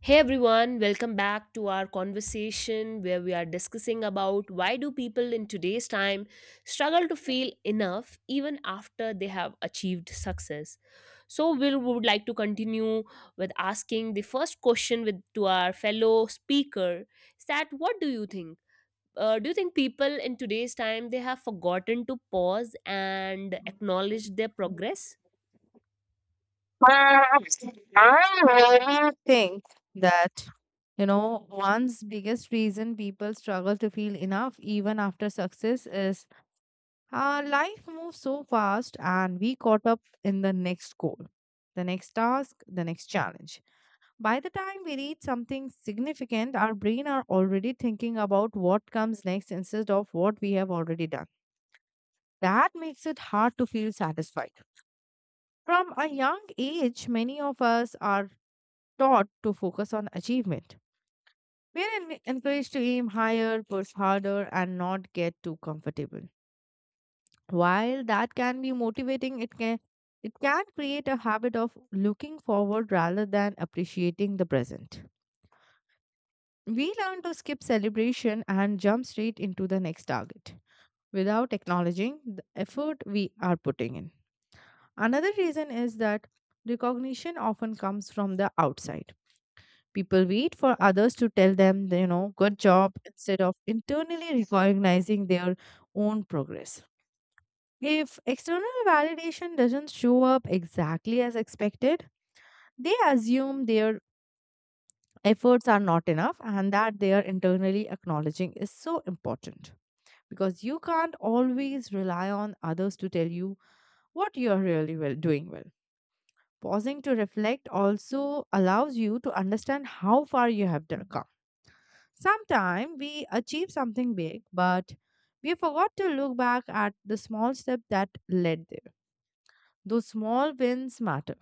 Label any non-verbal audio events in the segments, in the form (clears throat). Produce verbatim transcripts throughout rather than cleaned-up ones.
Hey everyone, welcome back to our conversation where we are discussing about why do people in today's time struggle to feel enough even after they have achieved success. So we would like to continue with asking the first question with to our fellow speaker is that what do you think? Uh, do you think people in today's time they have forgotten to pause and acknowledge their progress? I really think that you know one's biggest reason people struggle to feel enough even after success is uh, life moves so fast, and we caught up in the next goal, the next task, the next challenge. By the time we reach something significant, our brain are already thinking about what comes next instead of what we have already done. That makes it hard to feel satisfied. From a young age, many of us are taught to focus on achievement. We are en- encouraged to aim higher, push harder, and not get too comfortable. While that can be motivating, it can it can create a habit of looking forward rather than appreciating the present. We learn to skip celebration and jump straight into the next target without acknowledging the effort we are putting in. Another reason is that recognition often comes from the outside. People wait for others to tell them, you know, good job, instead of internally recognizing their own progress. If external validation doesn't show up exactly as expected, they assume their efforts are not enough, and that they are internally acknowledging is so important, because you can't always rely on others to tell you what you're really well doing well. Pausing to reflect also allows you to understand how far you have done- come. Sometimes we achieve something big, but we forgot to look back at the small steps that led there. Those small wins matter.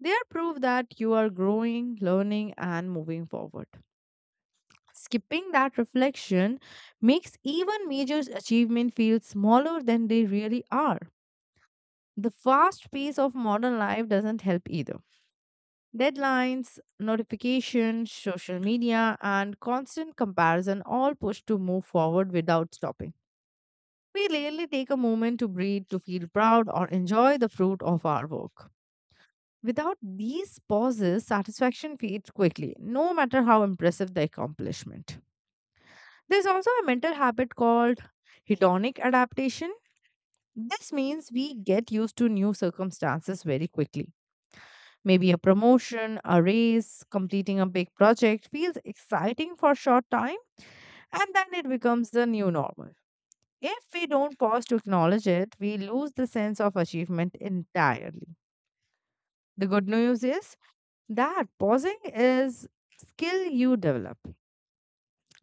They are proof that you are growing, learning, and moving forward. Skipping that reflection makes even major achievements feel smaller than they really are. The fast pace of modern life doesn't help either. Deadlines, notifications, social media, and constant comparison all push to move forward without stopping. We rarely take a moment to breathe, to feel proud, or enjoy the fruit of our work. Without these pauses, satisfaction fades quickly, no matter how impressive the accomplishment. There's also a mental habit called hedonic adaptation. This means we get used to new circumstances very quickly. Maybe a promotion, a raise, completing a big project feels exciting for a short time, and then it becomes the new normal. If we don't pause to acknowledge it, we lose the sense of achievement entirely. The good news is that pausing is skill you develop.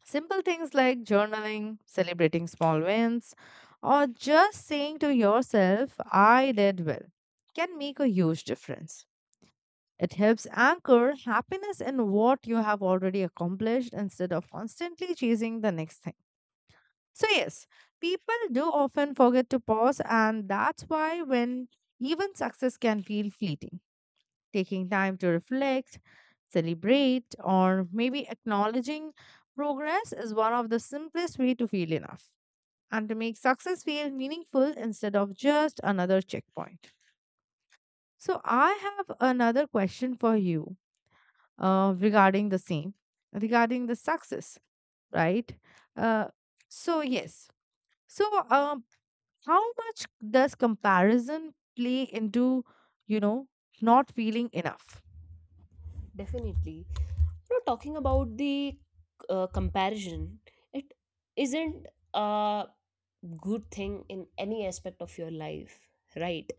Simple things like journaling, celebrating small wins, or just saying to yourself, I did well, can make a huge difference. It helps anchor happiness in what you have already accomplished instead of constantly chasing the next thing. So, yes, people do often forget to pause, and that's why when even success can feel fleeting, taking time to reflect, celebrate, or maybe acknowledging progress is one of the simplest way to feel enough and to make success feel meaningful instead of just another checkpoint. So, I have another question for you, uh, regarding the same, regarding the success, right? Uh, so, yes. So, um, how much does comparison play into, you know, not feeling enough? Definitely. You know, talking about the uh, comparison, it isn't uh good thing in any aspect of your life, right?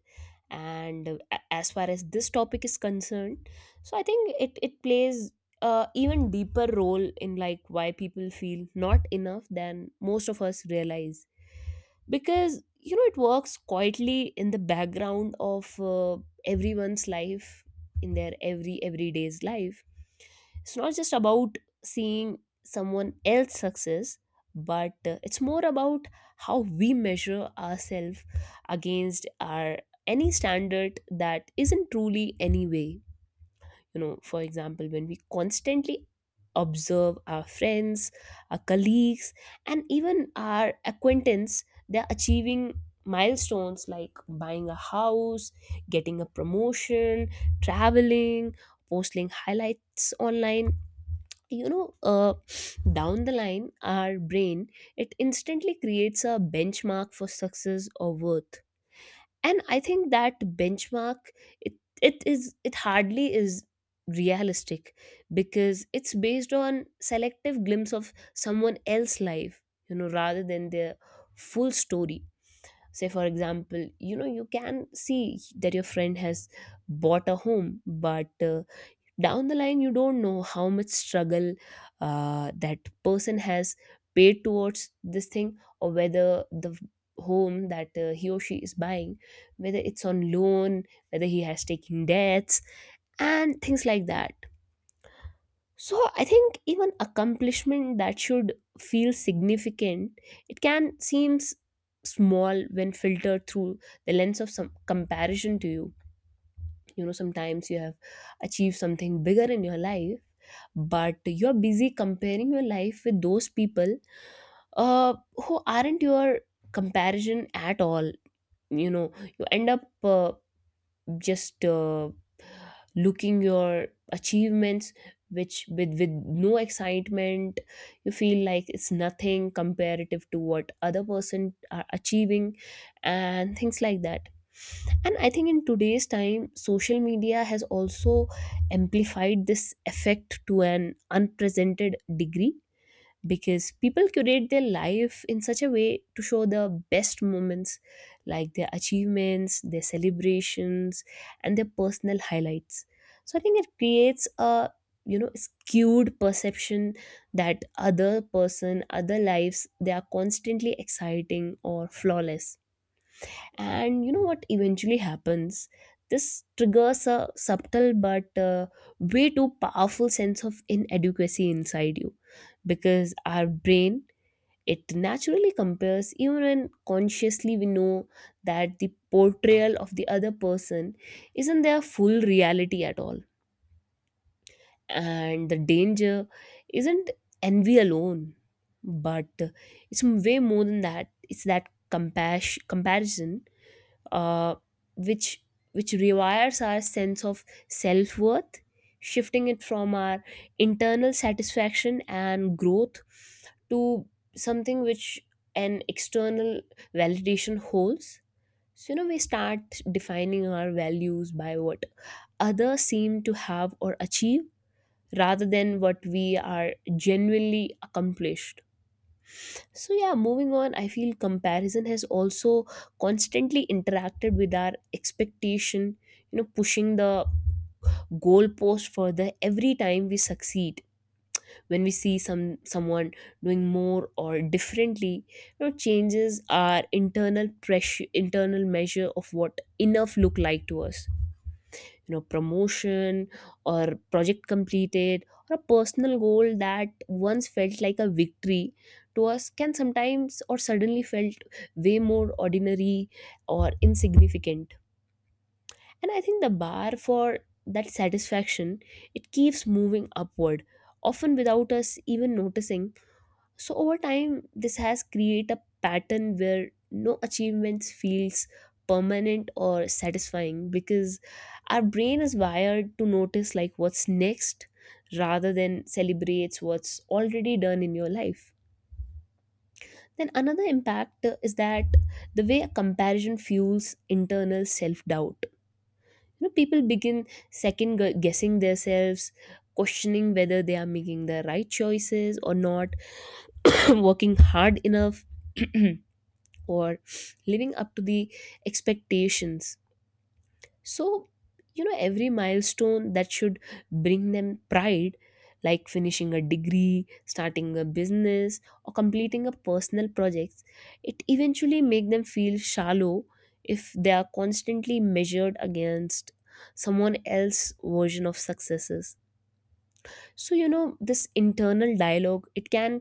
And uh, a- as far as this topic is concerned, so I think it it plays a even deeper role in like why people feel not enough than most of us realize, because you know it works quietly in the background of uh, everyone's life, in their every everyday's life. It's not just about seeing someone else's success, but uh, it's more about how we measure ourselves against our any standard that isn't truly any way. You know, for example, when we constantly observe our friends, our colleagues, and even our acquaintance, they're achieving milestones like buying a house, getting a promotion, traveling, posting highlights online, you know, uh, down the line our brain, it instantly creates a benchmark for success or worth. And I think that benchmark, it it is it hardly is realistic, because it's based on selective glimpse of someone else's life, you know, rather than their full story. Say for example, you know, you can see that your friend has bought a home, but uh, down the line you don't know how much struggle uh, that person has paid towards this thing, or whether the home that uh, he or she is buying, whether it's on loan, whether he has taken debts, and things like that. So I think even accomplishment that should feel significant, it can seems small when filtered through the lens of some comparison to you. You know, sometimes you have achieved something bigger in your life, but you're busy comparing your life with those people, uh, who aren't your comparison at all. You know, you end up uh, just uh, looking your achievements, which with with no excitement. You feel like it's nothing comparative to what other person are achieving, and things like that. And I think in today's time social media has also amplified this effect to an unprecedented degree, because people curate their life in such a way to show the best moments, like their achievements, their celebrations, and their personal highlights. So I think it creates a, you know, skewed perception that other person, other lives, they are constantly exciting or flawless. And you know what eventually happens? This triggers a subtle but uh, way too powerful sense of inadequacy inside you, because our brain, it naturally compares even when consciously we know that the portrayal of the other person isn't their full reality at all. And the danger isn't envy alone, but uh, it's way more than that. It's that compassion comparison, uh, which which rewires our sense of self-worth, shifting it from our internal satisfaction and growth to something which an external validation holds. So you know we start defining our values by what others seem to have or achieve, rather than what we are genuinely accomplished. So, yeah, moving on, I feel comparison has also constantly interacted with our expectation, you know, pushing the goalpost further every time we succeed. When we see some someone doing more or differently, you know, changes our internal pressure, internal measure of what enough look like to us. You know, promotion or project completed or a personal goal that once felt like a victory to us can sometimes or suddenly felt way more ordinary or insignificant. And I think the bar for that satisfaction, it keeps moving upward, often without us even noticing. So over time, this has created a pattern where no achievements feels permanent or satisfying, because our brain is wired to notice like what's next, rather than celebrates what's already done in your life. Then another impact uh, is that the way a comparison fuels internal self-doubt. You know, people begin second gu- guessing themselves, questioning whether they are making the right choices or not, (clears throat) working hard enough. (clears throat) or living up to the expectations. So, you know, every milestone that should bring them pride, like finishing a degree, starting a business, or completing a personal projects, it eventually make them feel shallow if they are constantly measured against someone else's version of successes. So you know this internal dialogue, it can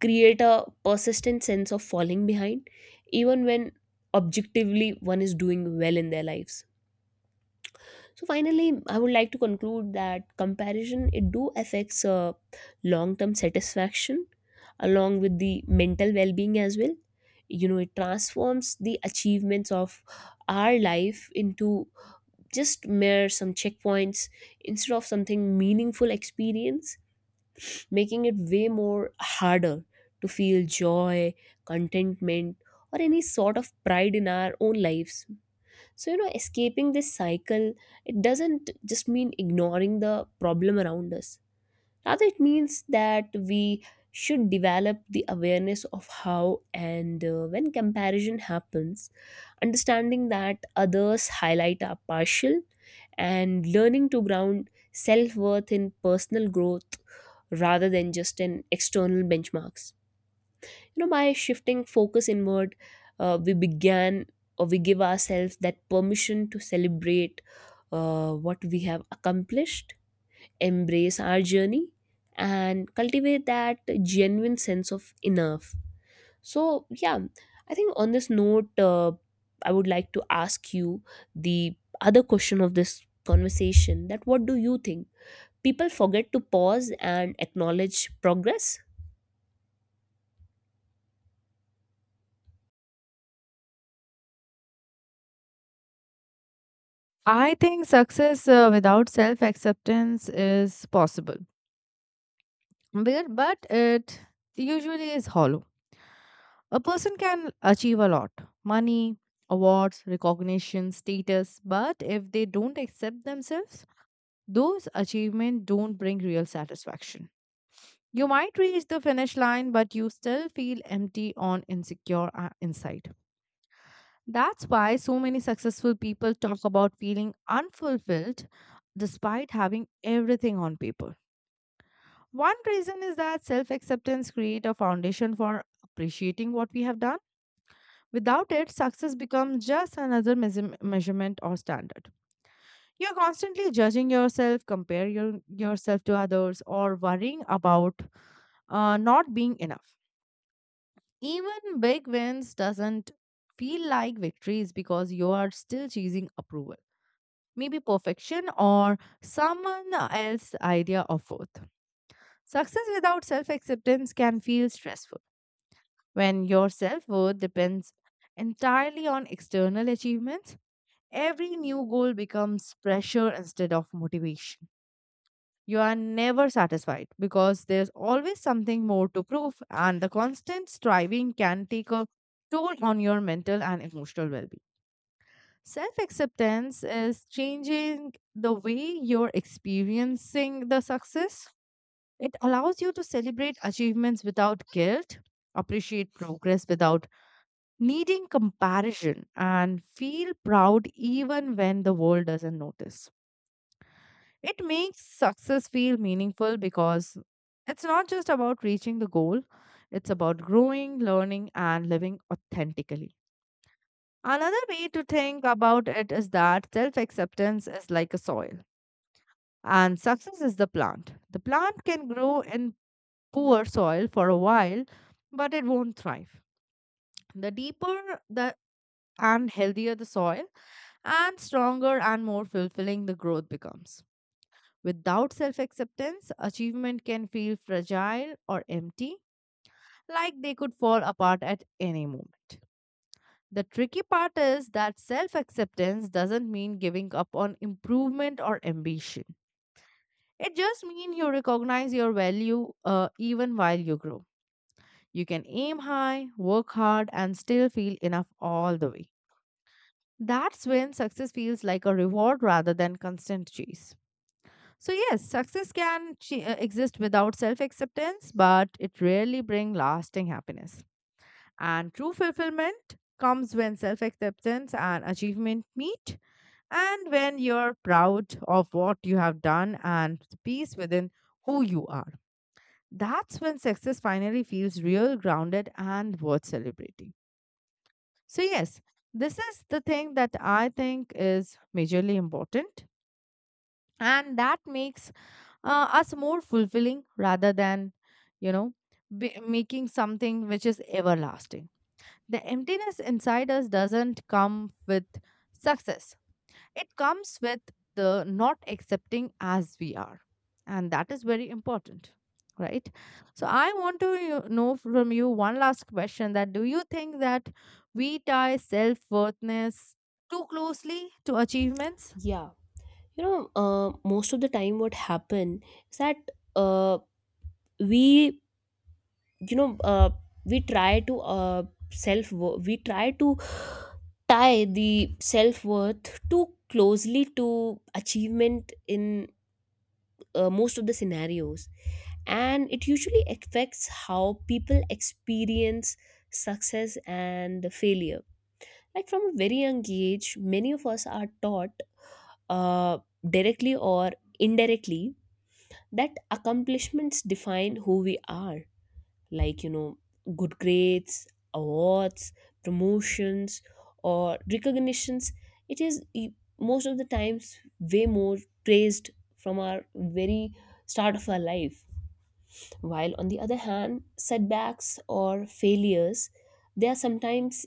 create a persistent sense of falling behind, even when objectively one is doing well in their lives. So finally I would like to conclude that comparison, it do affects uh, long term satisfaction along with the mental well being as well. You know, it transforms the achievements of our life into just mere some checkpoints, instead of something meaningful experience, making it way more harder to feel joy, contentment, or any sort of pride in our own lives. So, you know, escaping this cycle, it doesn't just mean ignoring the problem around us. Rather, it means that we should develop the awareness of how and uh, when comparison happens, understanding that others' highlight are partial, and learning to ground self worth in personal growth rather than just in external benchmarks. You know, by shifting focus inward, uh, we began or we give ourselves that permission to celebrate uh, what we have accomplished, embrace our journey, and cultivate that genuine sense of enough. So, yeah, I think on this note, uh, I would like to ask you the other question of this conversation that what do you think? People forget to pause and acknowledge progress? I think success uh, without self acceptance is possible, but but it usually is hollow. A person can achieve a lot: money, awards, recognition, status, but if they don't accept themselves, those achievements don't bring real satisfaction. You might reach the finish line, but you still feel empty on insecure uh, inside. That's why so many successful people talk about feeling unfulfilled despite having everything on paper. One reason is that self acceptance creates a foundation for appreciating what we have done. Without it, success becomes just another measure- measurement or standard. You're constantly judging yourself, comparing your, yourself to others, or worrying about uh, not being enough. Even big wins doesn't feel like victories, because you are still chasing approval, maybe perfection or someone else's idea of worth. Success without self acceptance can feel stressful. When your self worth depends entirely on external achievements, every new goal becomes pressure instead of motivation. You are never satisfied because there's always something more to prove, and the constant striving can take a toll on your mental and emotional well being. Self acceptance is changing the way you're experiencing the success. It allows you to celebrate achievements without guilt, appreciate progress without needing comparison, and feel proud even when the world doesn't notice. It makes success feel meaningful, because it's not just about reaching the goal, it's about growing, learning, and living authentically. Another way to think about it is that self acceptance is like a soil, and success is the plant. The plant can grow in poor soil for a while, but it won't thrive. The deeper the and healthier the soil, and stronger and more fulfilling the growth becomes. Without self acceptance, achievement can feel fragile or empty, like they could fall apart at any moment. The tricky part is that self acceptance doesn't mean giving up on improvement or ambition. It just means you recognize your value, uh, even while you grow. You can aim high, work hard, and still feel enough all the way. That's when success feels like a reward rather than constant chase. So, yes, success can ch- uh, exist without self acceptance, but it rarely brings lasting happiness. And true fulfillment comes when self acceptance and achievement meet. And when you're proud of what you have done and the peace within who you are, that's when success finally feels real, grounded, and worth celebrating. So, yes, this is the thing that I think is majorly important. And that makes uh, us more fulfilling rather than, you know, be- making something which is everlasting. The emptiness inside us doesn't come with success. It comes with the not accepting as we are, and that is very important, right? So, I want to you- know from you one last question, that do you think that we tie self worthness too closely to achievements? Yeah. You know, uh, most of the time, what happen is that, uh, we you know uh, we try to uh, self we try to tie the self worth too closely to achievement in uh, most of the scenarios, and it usually affects how people experience success and failure. Like, from a very young age many of us are taught, uh, directly or indirectly, that accomplishments define who we are. Like, you know, good grades, awards, promotions, or recognitions, it is e- most of the times way more praised from our very start of our life, while on the other hand setbacks or failures, they are sometimes,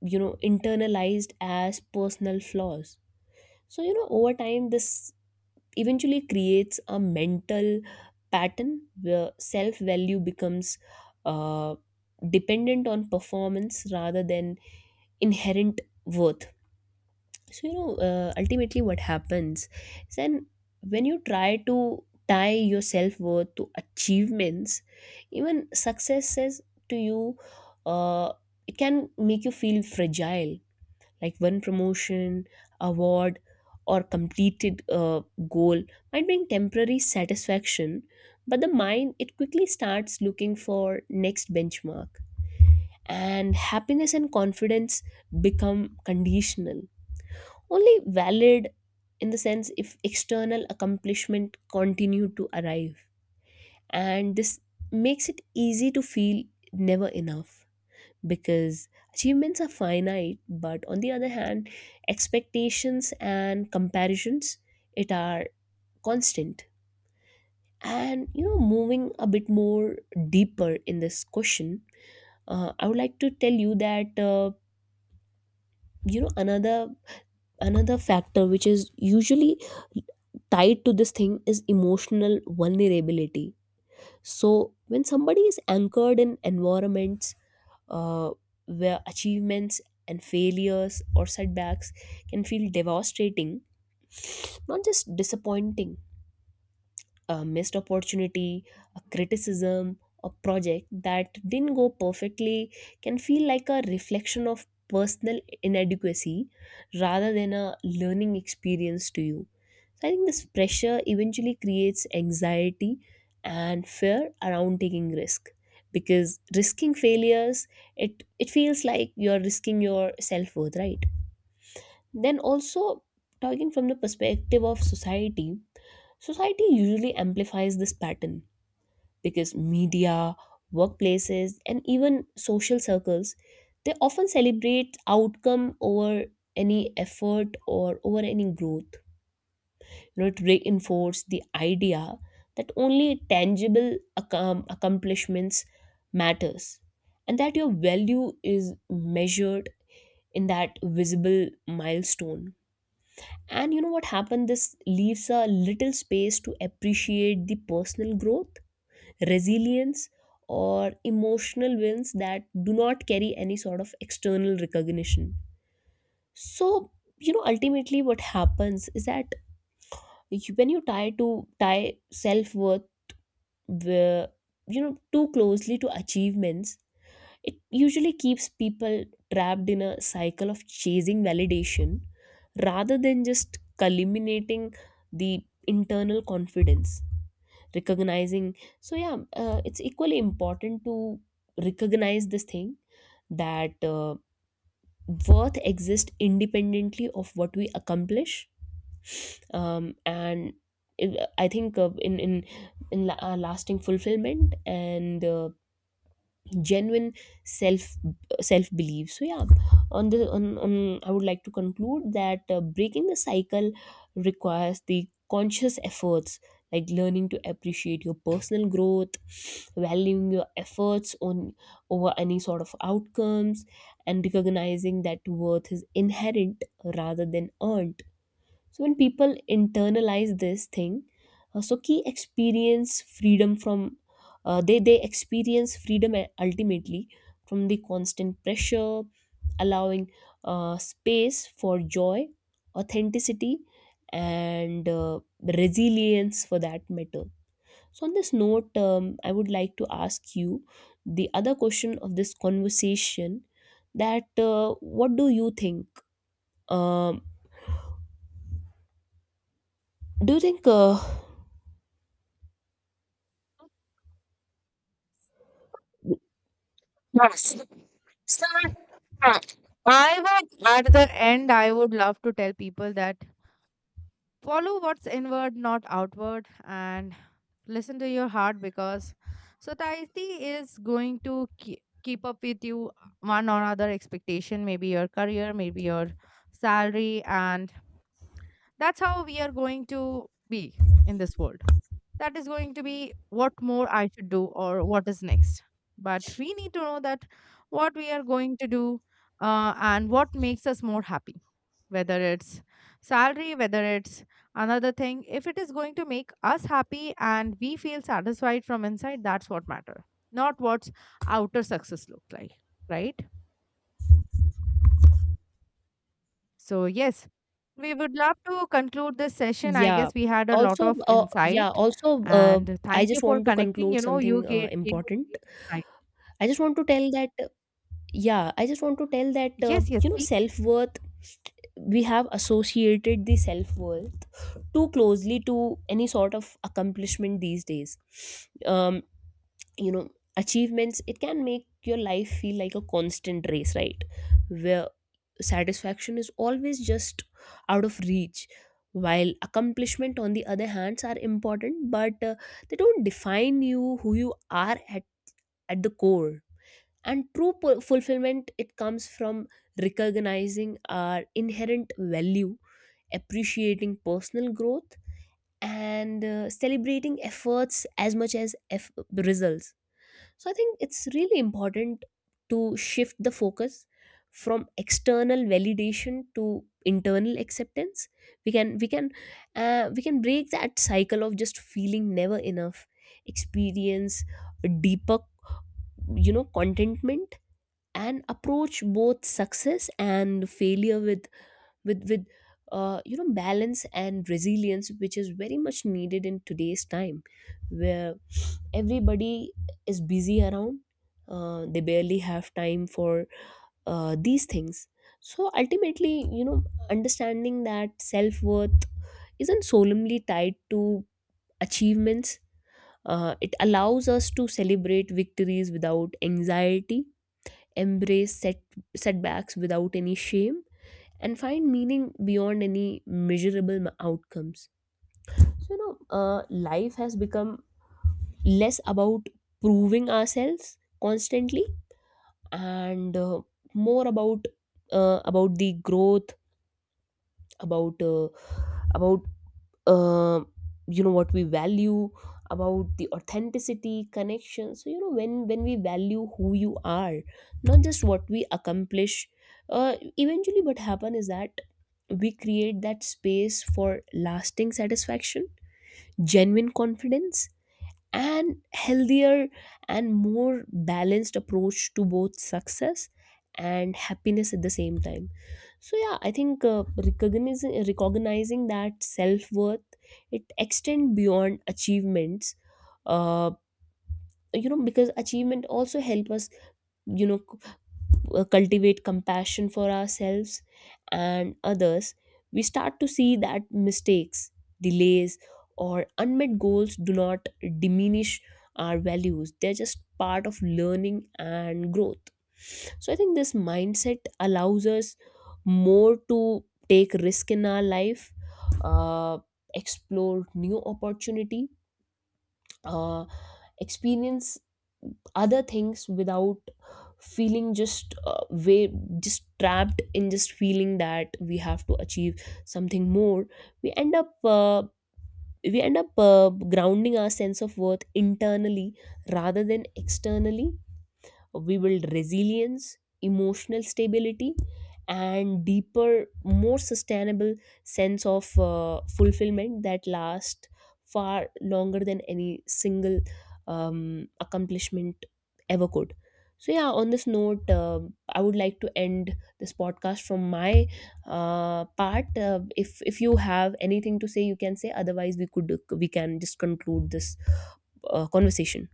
you know, internalized as personal flaws. So you know over time this eventually creates a mental pattern where self value becomes uh, dependent on performance rather than inherent worth. So, you know, uh, ultimately what happens is then, when you try to tie your self worth to achievements, even success says to you, uh, it can make you feel fragile. Like, one promotion, award, or completed uh, goal might bring temporary satisfaction, but the mind, it quickly starts looking for next benchmark. And happiness and confidence become conditional, only valid in the sense if external accomplishment continue to arrive. And this makes it easy to feel never enough, because achievements are finite, but on the other hand expectations and comparisons, it are constant. And you know, moving a bit more deeper in this question, uh, I would like to tell you that uh, you know another another factor which is usually tied to this thing is emotional vulnerability. So when somebody is anchored in environments uh, where achievements and failures or setbacks can feel devastating, not just disappointing, a missed opportunity, a criticism, a project that didn't go perfectly can feel like a reflection of personal inadequacy rather than a learning experience to you. So I think this pressure eventually creates anxiety and fear around taking risk, because risking failures, it it feels like you're risking your self-worth, right? Then also, talking from the perspective of society, society usually amplifies this pattern, because media, workplaces, and even social circles, they often celebrate outcome over any effort or over any growth. You know, it reinforces the idea that only tangible accom- accomplishments matters, and that your value is measured in that visible milestone. And you know what happened? This leaves a little space to appreciate the personal growth, resilience, or emotional wins that do not carry any sort of external recognition. So you know ultimately what happens is that you, when you tie to tie self-worth wi- you know too closely to achievements, it usually keeps people trapped in a cycle of chasing validation rather than just culminating the internal confidence, recognizing. So yeah, uh, it's equally important to recognize this thing that uh, worth exists independently of what we accomplish, um, and it- I think uh, in in in la- uh, lasting fulfillment and uh, genuine self self belief. So yeah, on the on, on I would like to conclude that uh, breaking the cycle requires the conscious efforts, like learning to appreciate your personal growth, valuing your efforts on over any sort of outcomes, and recognizing that worth is inherent rather than earned. So when people internalize this thing, uh, so key experience freedom from uh, they they experience freedom uh, ultimately from the constant pressure, allowing uh, space for joy, authenticity, and uh, resilience for that matter. So on this note, um, I would like to ask you the other question of this conversation. That uh, what do you think? Um, do you think uh, Yes. So, uh, I would, at the end, I would love to tell people that follow what's inward, not outward, and listen to your heart, because society is going to keep keep up with you, uh, one or other expectation, maybe your career, maybe your salary, and that's how we are going to be in this world, that is going to be what more I should do or what is next. But we need to know that what we are going to do, uh, and what makes us more happy, whether it's salary, whether it's another thing. If it is going to make us happy and we feel satisfied from inside, that's what matter, not what outer success looks like, right? So, yes, we would love to conclude this session. I yeah. guess we had a lot Also, of uh, yeah, insight, also, uh, and I thank you just for want to connecting. conclude You know, you something uh, gave, gave us important. great insight. I just want to tell that, yeah, I just want to tell that, uh, Yes, yes, you know, please. self-worth, we have associated the self-worth too closely to any sort of accomplishment these days. Um, you know achievements, it can make your life feel like a constant race, right? Where satisfaction is always just out of reach. While accomplishment on the other hands are important, but uh, they don't define you who you are at, at the core. And true pu- fulfillment, it comes from recognizing our inherent value, appreciating personal growth, and uh, celebrating efforts as much as eff- results. So I think it's really important to shift the focus from external validation to internal acceptance. We can we can uh, we can break that cycle of just feeling never enough, experience a deeper, you know contentment, and approach both success and failure with with with uh, you know balance and resilience, which is very much needed in today's time, where everybody is busy around. Uh, they barely have time for uh, these things. So ultimately, you know understanding that self-worth isn't solemnly tied to achievements, uh, it allows us to celebrate victories without anxiety, embrace set, setbacks without any shame, and find meaning beyond any measurable m- outcomes. So, you know, uh, life has become less about proving ourselves constantly and uh, more about uh, about the growth, about uh, about uh, you know what we value, about the authenticity connection. So you know when when we value who you are, not just what we accomplish, uh, eventually what happen is that we create that space for lasting satisfaction, genuine confidence, and healthier and more balanced approach to both success and happiness at the same time. So yeah, I think uh, recognizing recognizing that self worth, it extend beyond achievements. Uh, you know because achievement also help us, you know uh, cultivate compassion for ourselves and others. We start to see that mistakes, delays, or unmet goals do not diminish our values. They're just part of learning and growth. So I think this mindset allows us more to take risk in our life, uh, explore new opportunity, uh, experience other things without feeling just uh, way just trapped in just feeling that we have to achieve something more. we end up uh, we end up uh, grounding our sense of worth internally rather than externally. We build resilience, emotional stability, and deeper, more sustainable sense of uh, fulfillment that lasts far longer than any single um, accomplishment ever could. So yeah, on this note, um I would like to end this podcast from my uh, part. Uh, if if you have anything to say, you can say. Otherwise, we could we can just conclude this uh, conversation.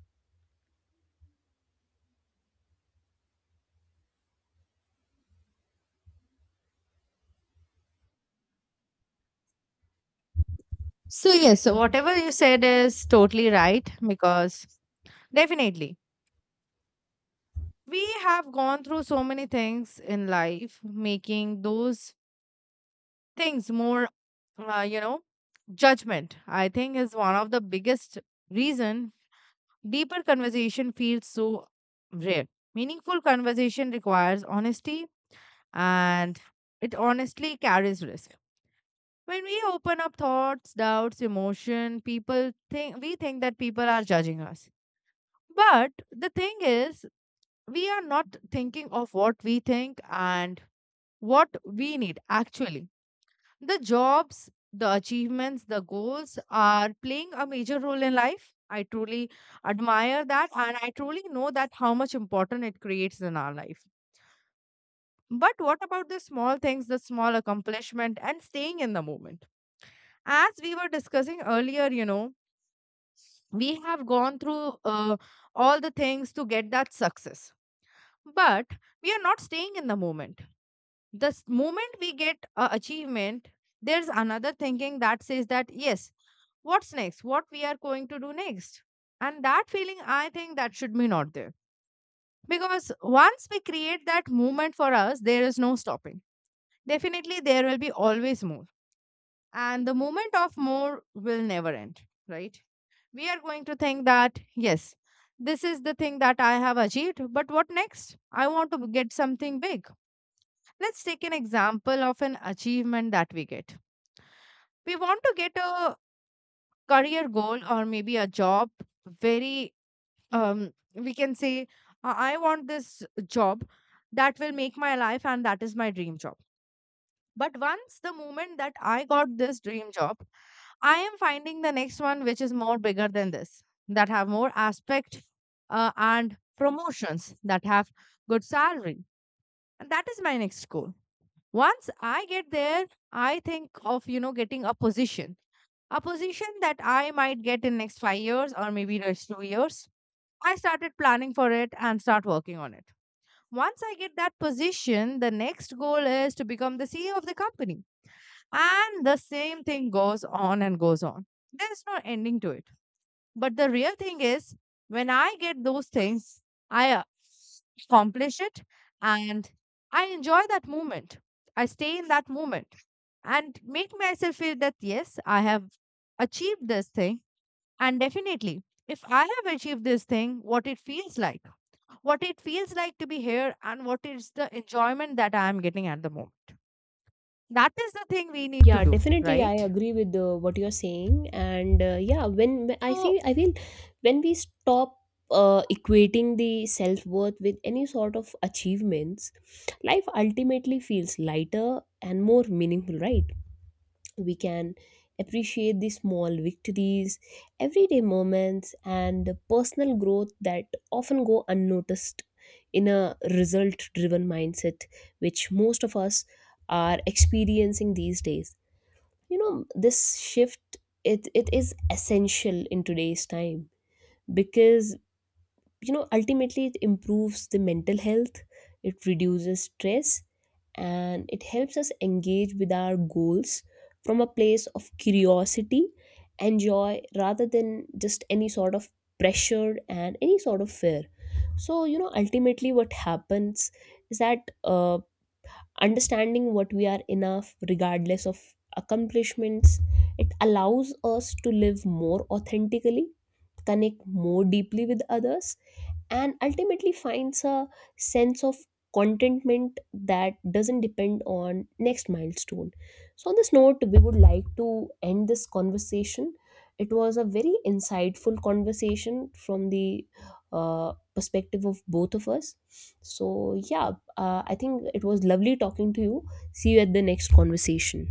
So, yes, so whatever you said is totally right, because definitely we have gone through so many things in life, making those things more, uh, you know, judgment. I think is one of the biggest reason. Deeper conversation feels so rare. Meaningful conversation requires honesty, and it honestly carries risk. When we open up thoughts, doubts, emotion, people think we think that people are judging us. But the thing is, we are not thinking of what we think and what we need actually. The jobs, the achievements, the goals are playing a major role in life. I truly admire that, and I truly know that how much important it creates in our life. But what about the small things, the small accomplishment, and staying in the moment? As we were discussing earlier, you know, we have gone through uh, all the things to get that success. But we are not staying in the moment. The s- moment we get a achievement, there's another thinking that says that, yes, what's next, what we are going to do next, and that feeling, I think that should be not there, because once we create that movement for us, there is no stopping. Definitely, there will be always more, and the movement of more will never end, right? We are going to think that, yes, this is the thing that I have achieved, but what next? I want to get something big. Let's take an example of an achievement that we get. We want to get a career goal or maybe a job. Very, um, we can say, "Uh, I want this job that will make my life and that is my dream job. But once the moment that I got this dream job, I am finding the next one which is more bigger than this, that have more aspect, uh, and promotions that have good salary, and that is my next goal. Once I get there, I think of you know getting a position, a position that I might get in next five years or maybe next two years. I started planning for it and start working on it. Once I get that position, the next goal is to become the C E O of the company. And the same thing goes on and goes on. There's no ending to it. But the real thing is, when I get those things, I uh, accomplish it and I enjoy that moment. I stay in that moment and make myself feel that, yes, I have achieved this thing. And definitely, if I have achieved this thing, what it feels like, what it feels like to be here, and what is the enjoyment that I am getting at the moment. That is the thing we need to Yeah, do, definitely, I right? agree with uh, what you're saying, and uh, yeah, when when- I So, think I feel when we stop uh, equating the self worth with any sort of achievements, life ultimately feels lighter and more meaningful, right? We can appreciate the small victories, everyday moments, and the personal growth that often go unnoticed in a result driven mindset, which most of us are experiencing these days. You know this shift, it, it is essential in today's time because you know ultimately it improves the mental health, it reduces stress, and it helps us engage with our goals from a place of curiosity and joy rather than just any sort of pressure and any sort of fear. So you know ultimately what happens is that uh, understanding what we are enough regardless of accomplishments, it allows us to live more authentically, connect more deeply with others, and ultimately finds a sense of contentment that doesn't depend on next milestone. So on this note, we would like to end this conversation. It was a very insightful conversation from the uh, perspective of both of us. So yeah, uh, I think it was lovely talking to you. See you at the next conversation.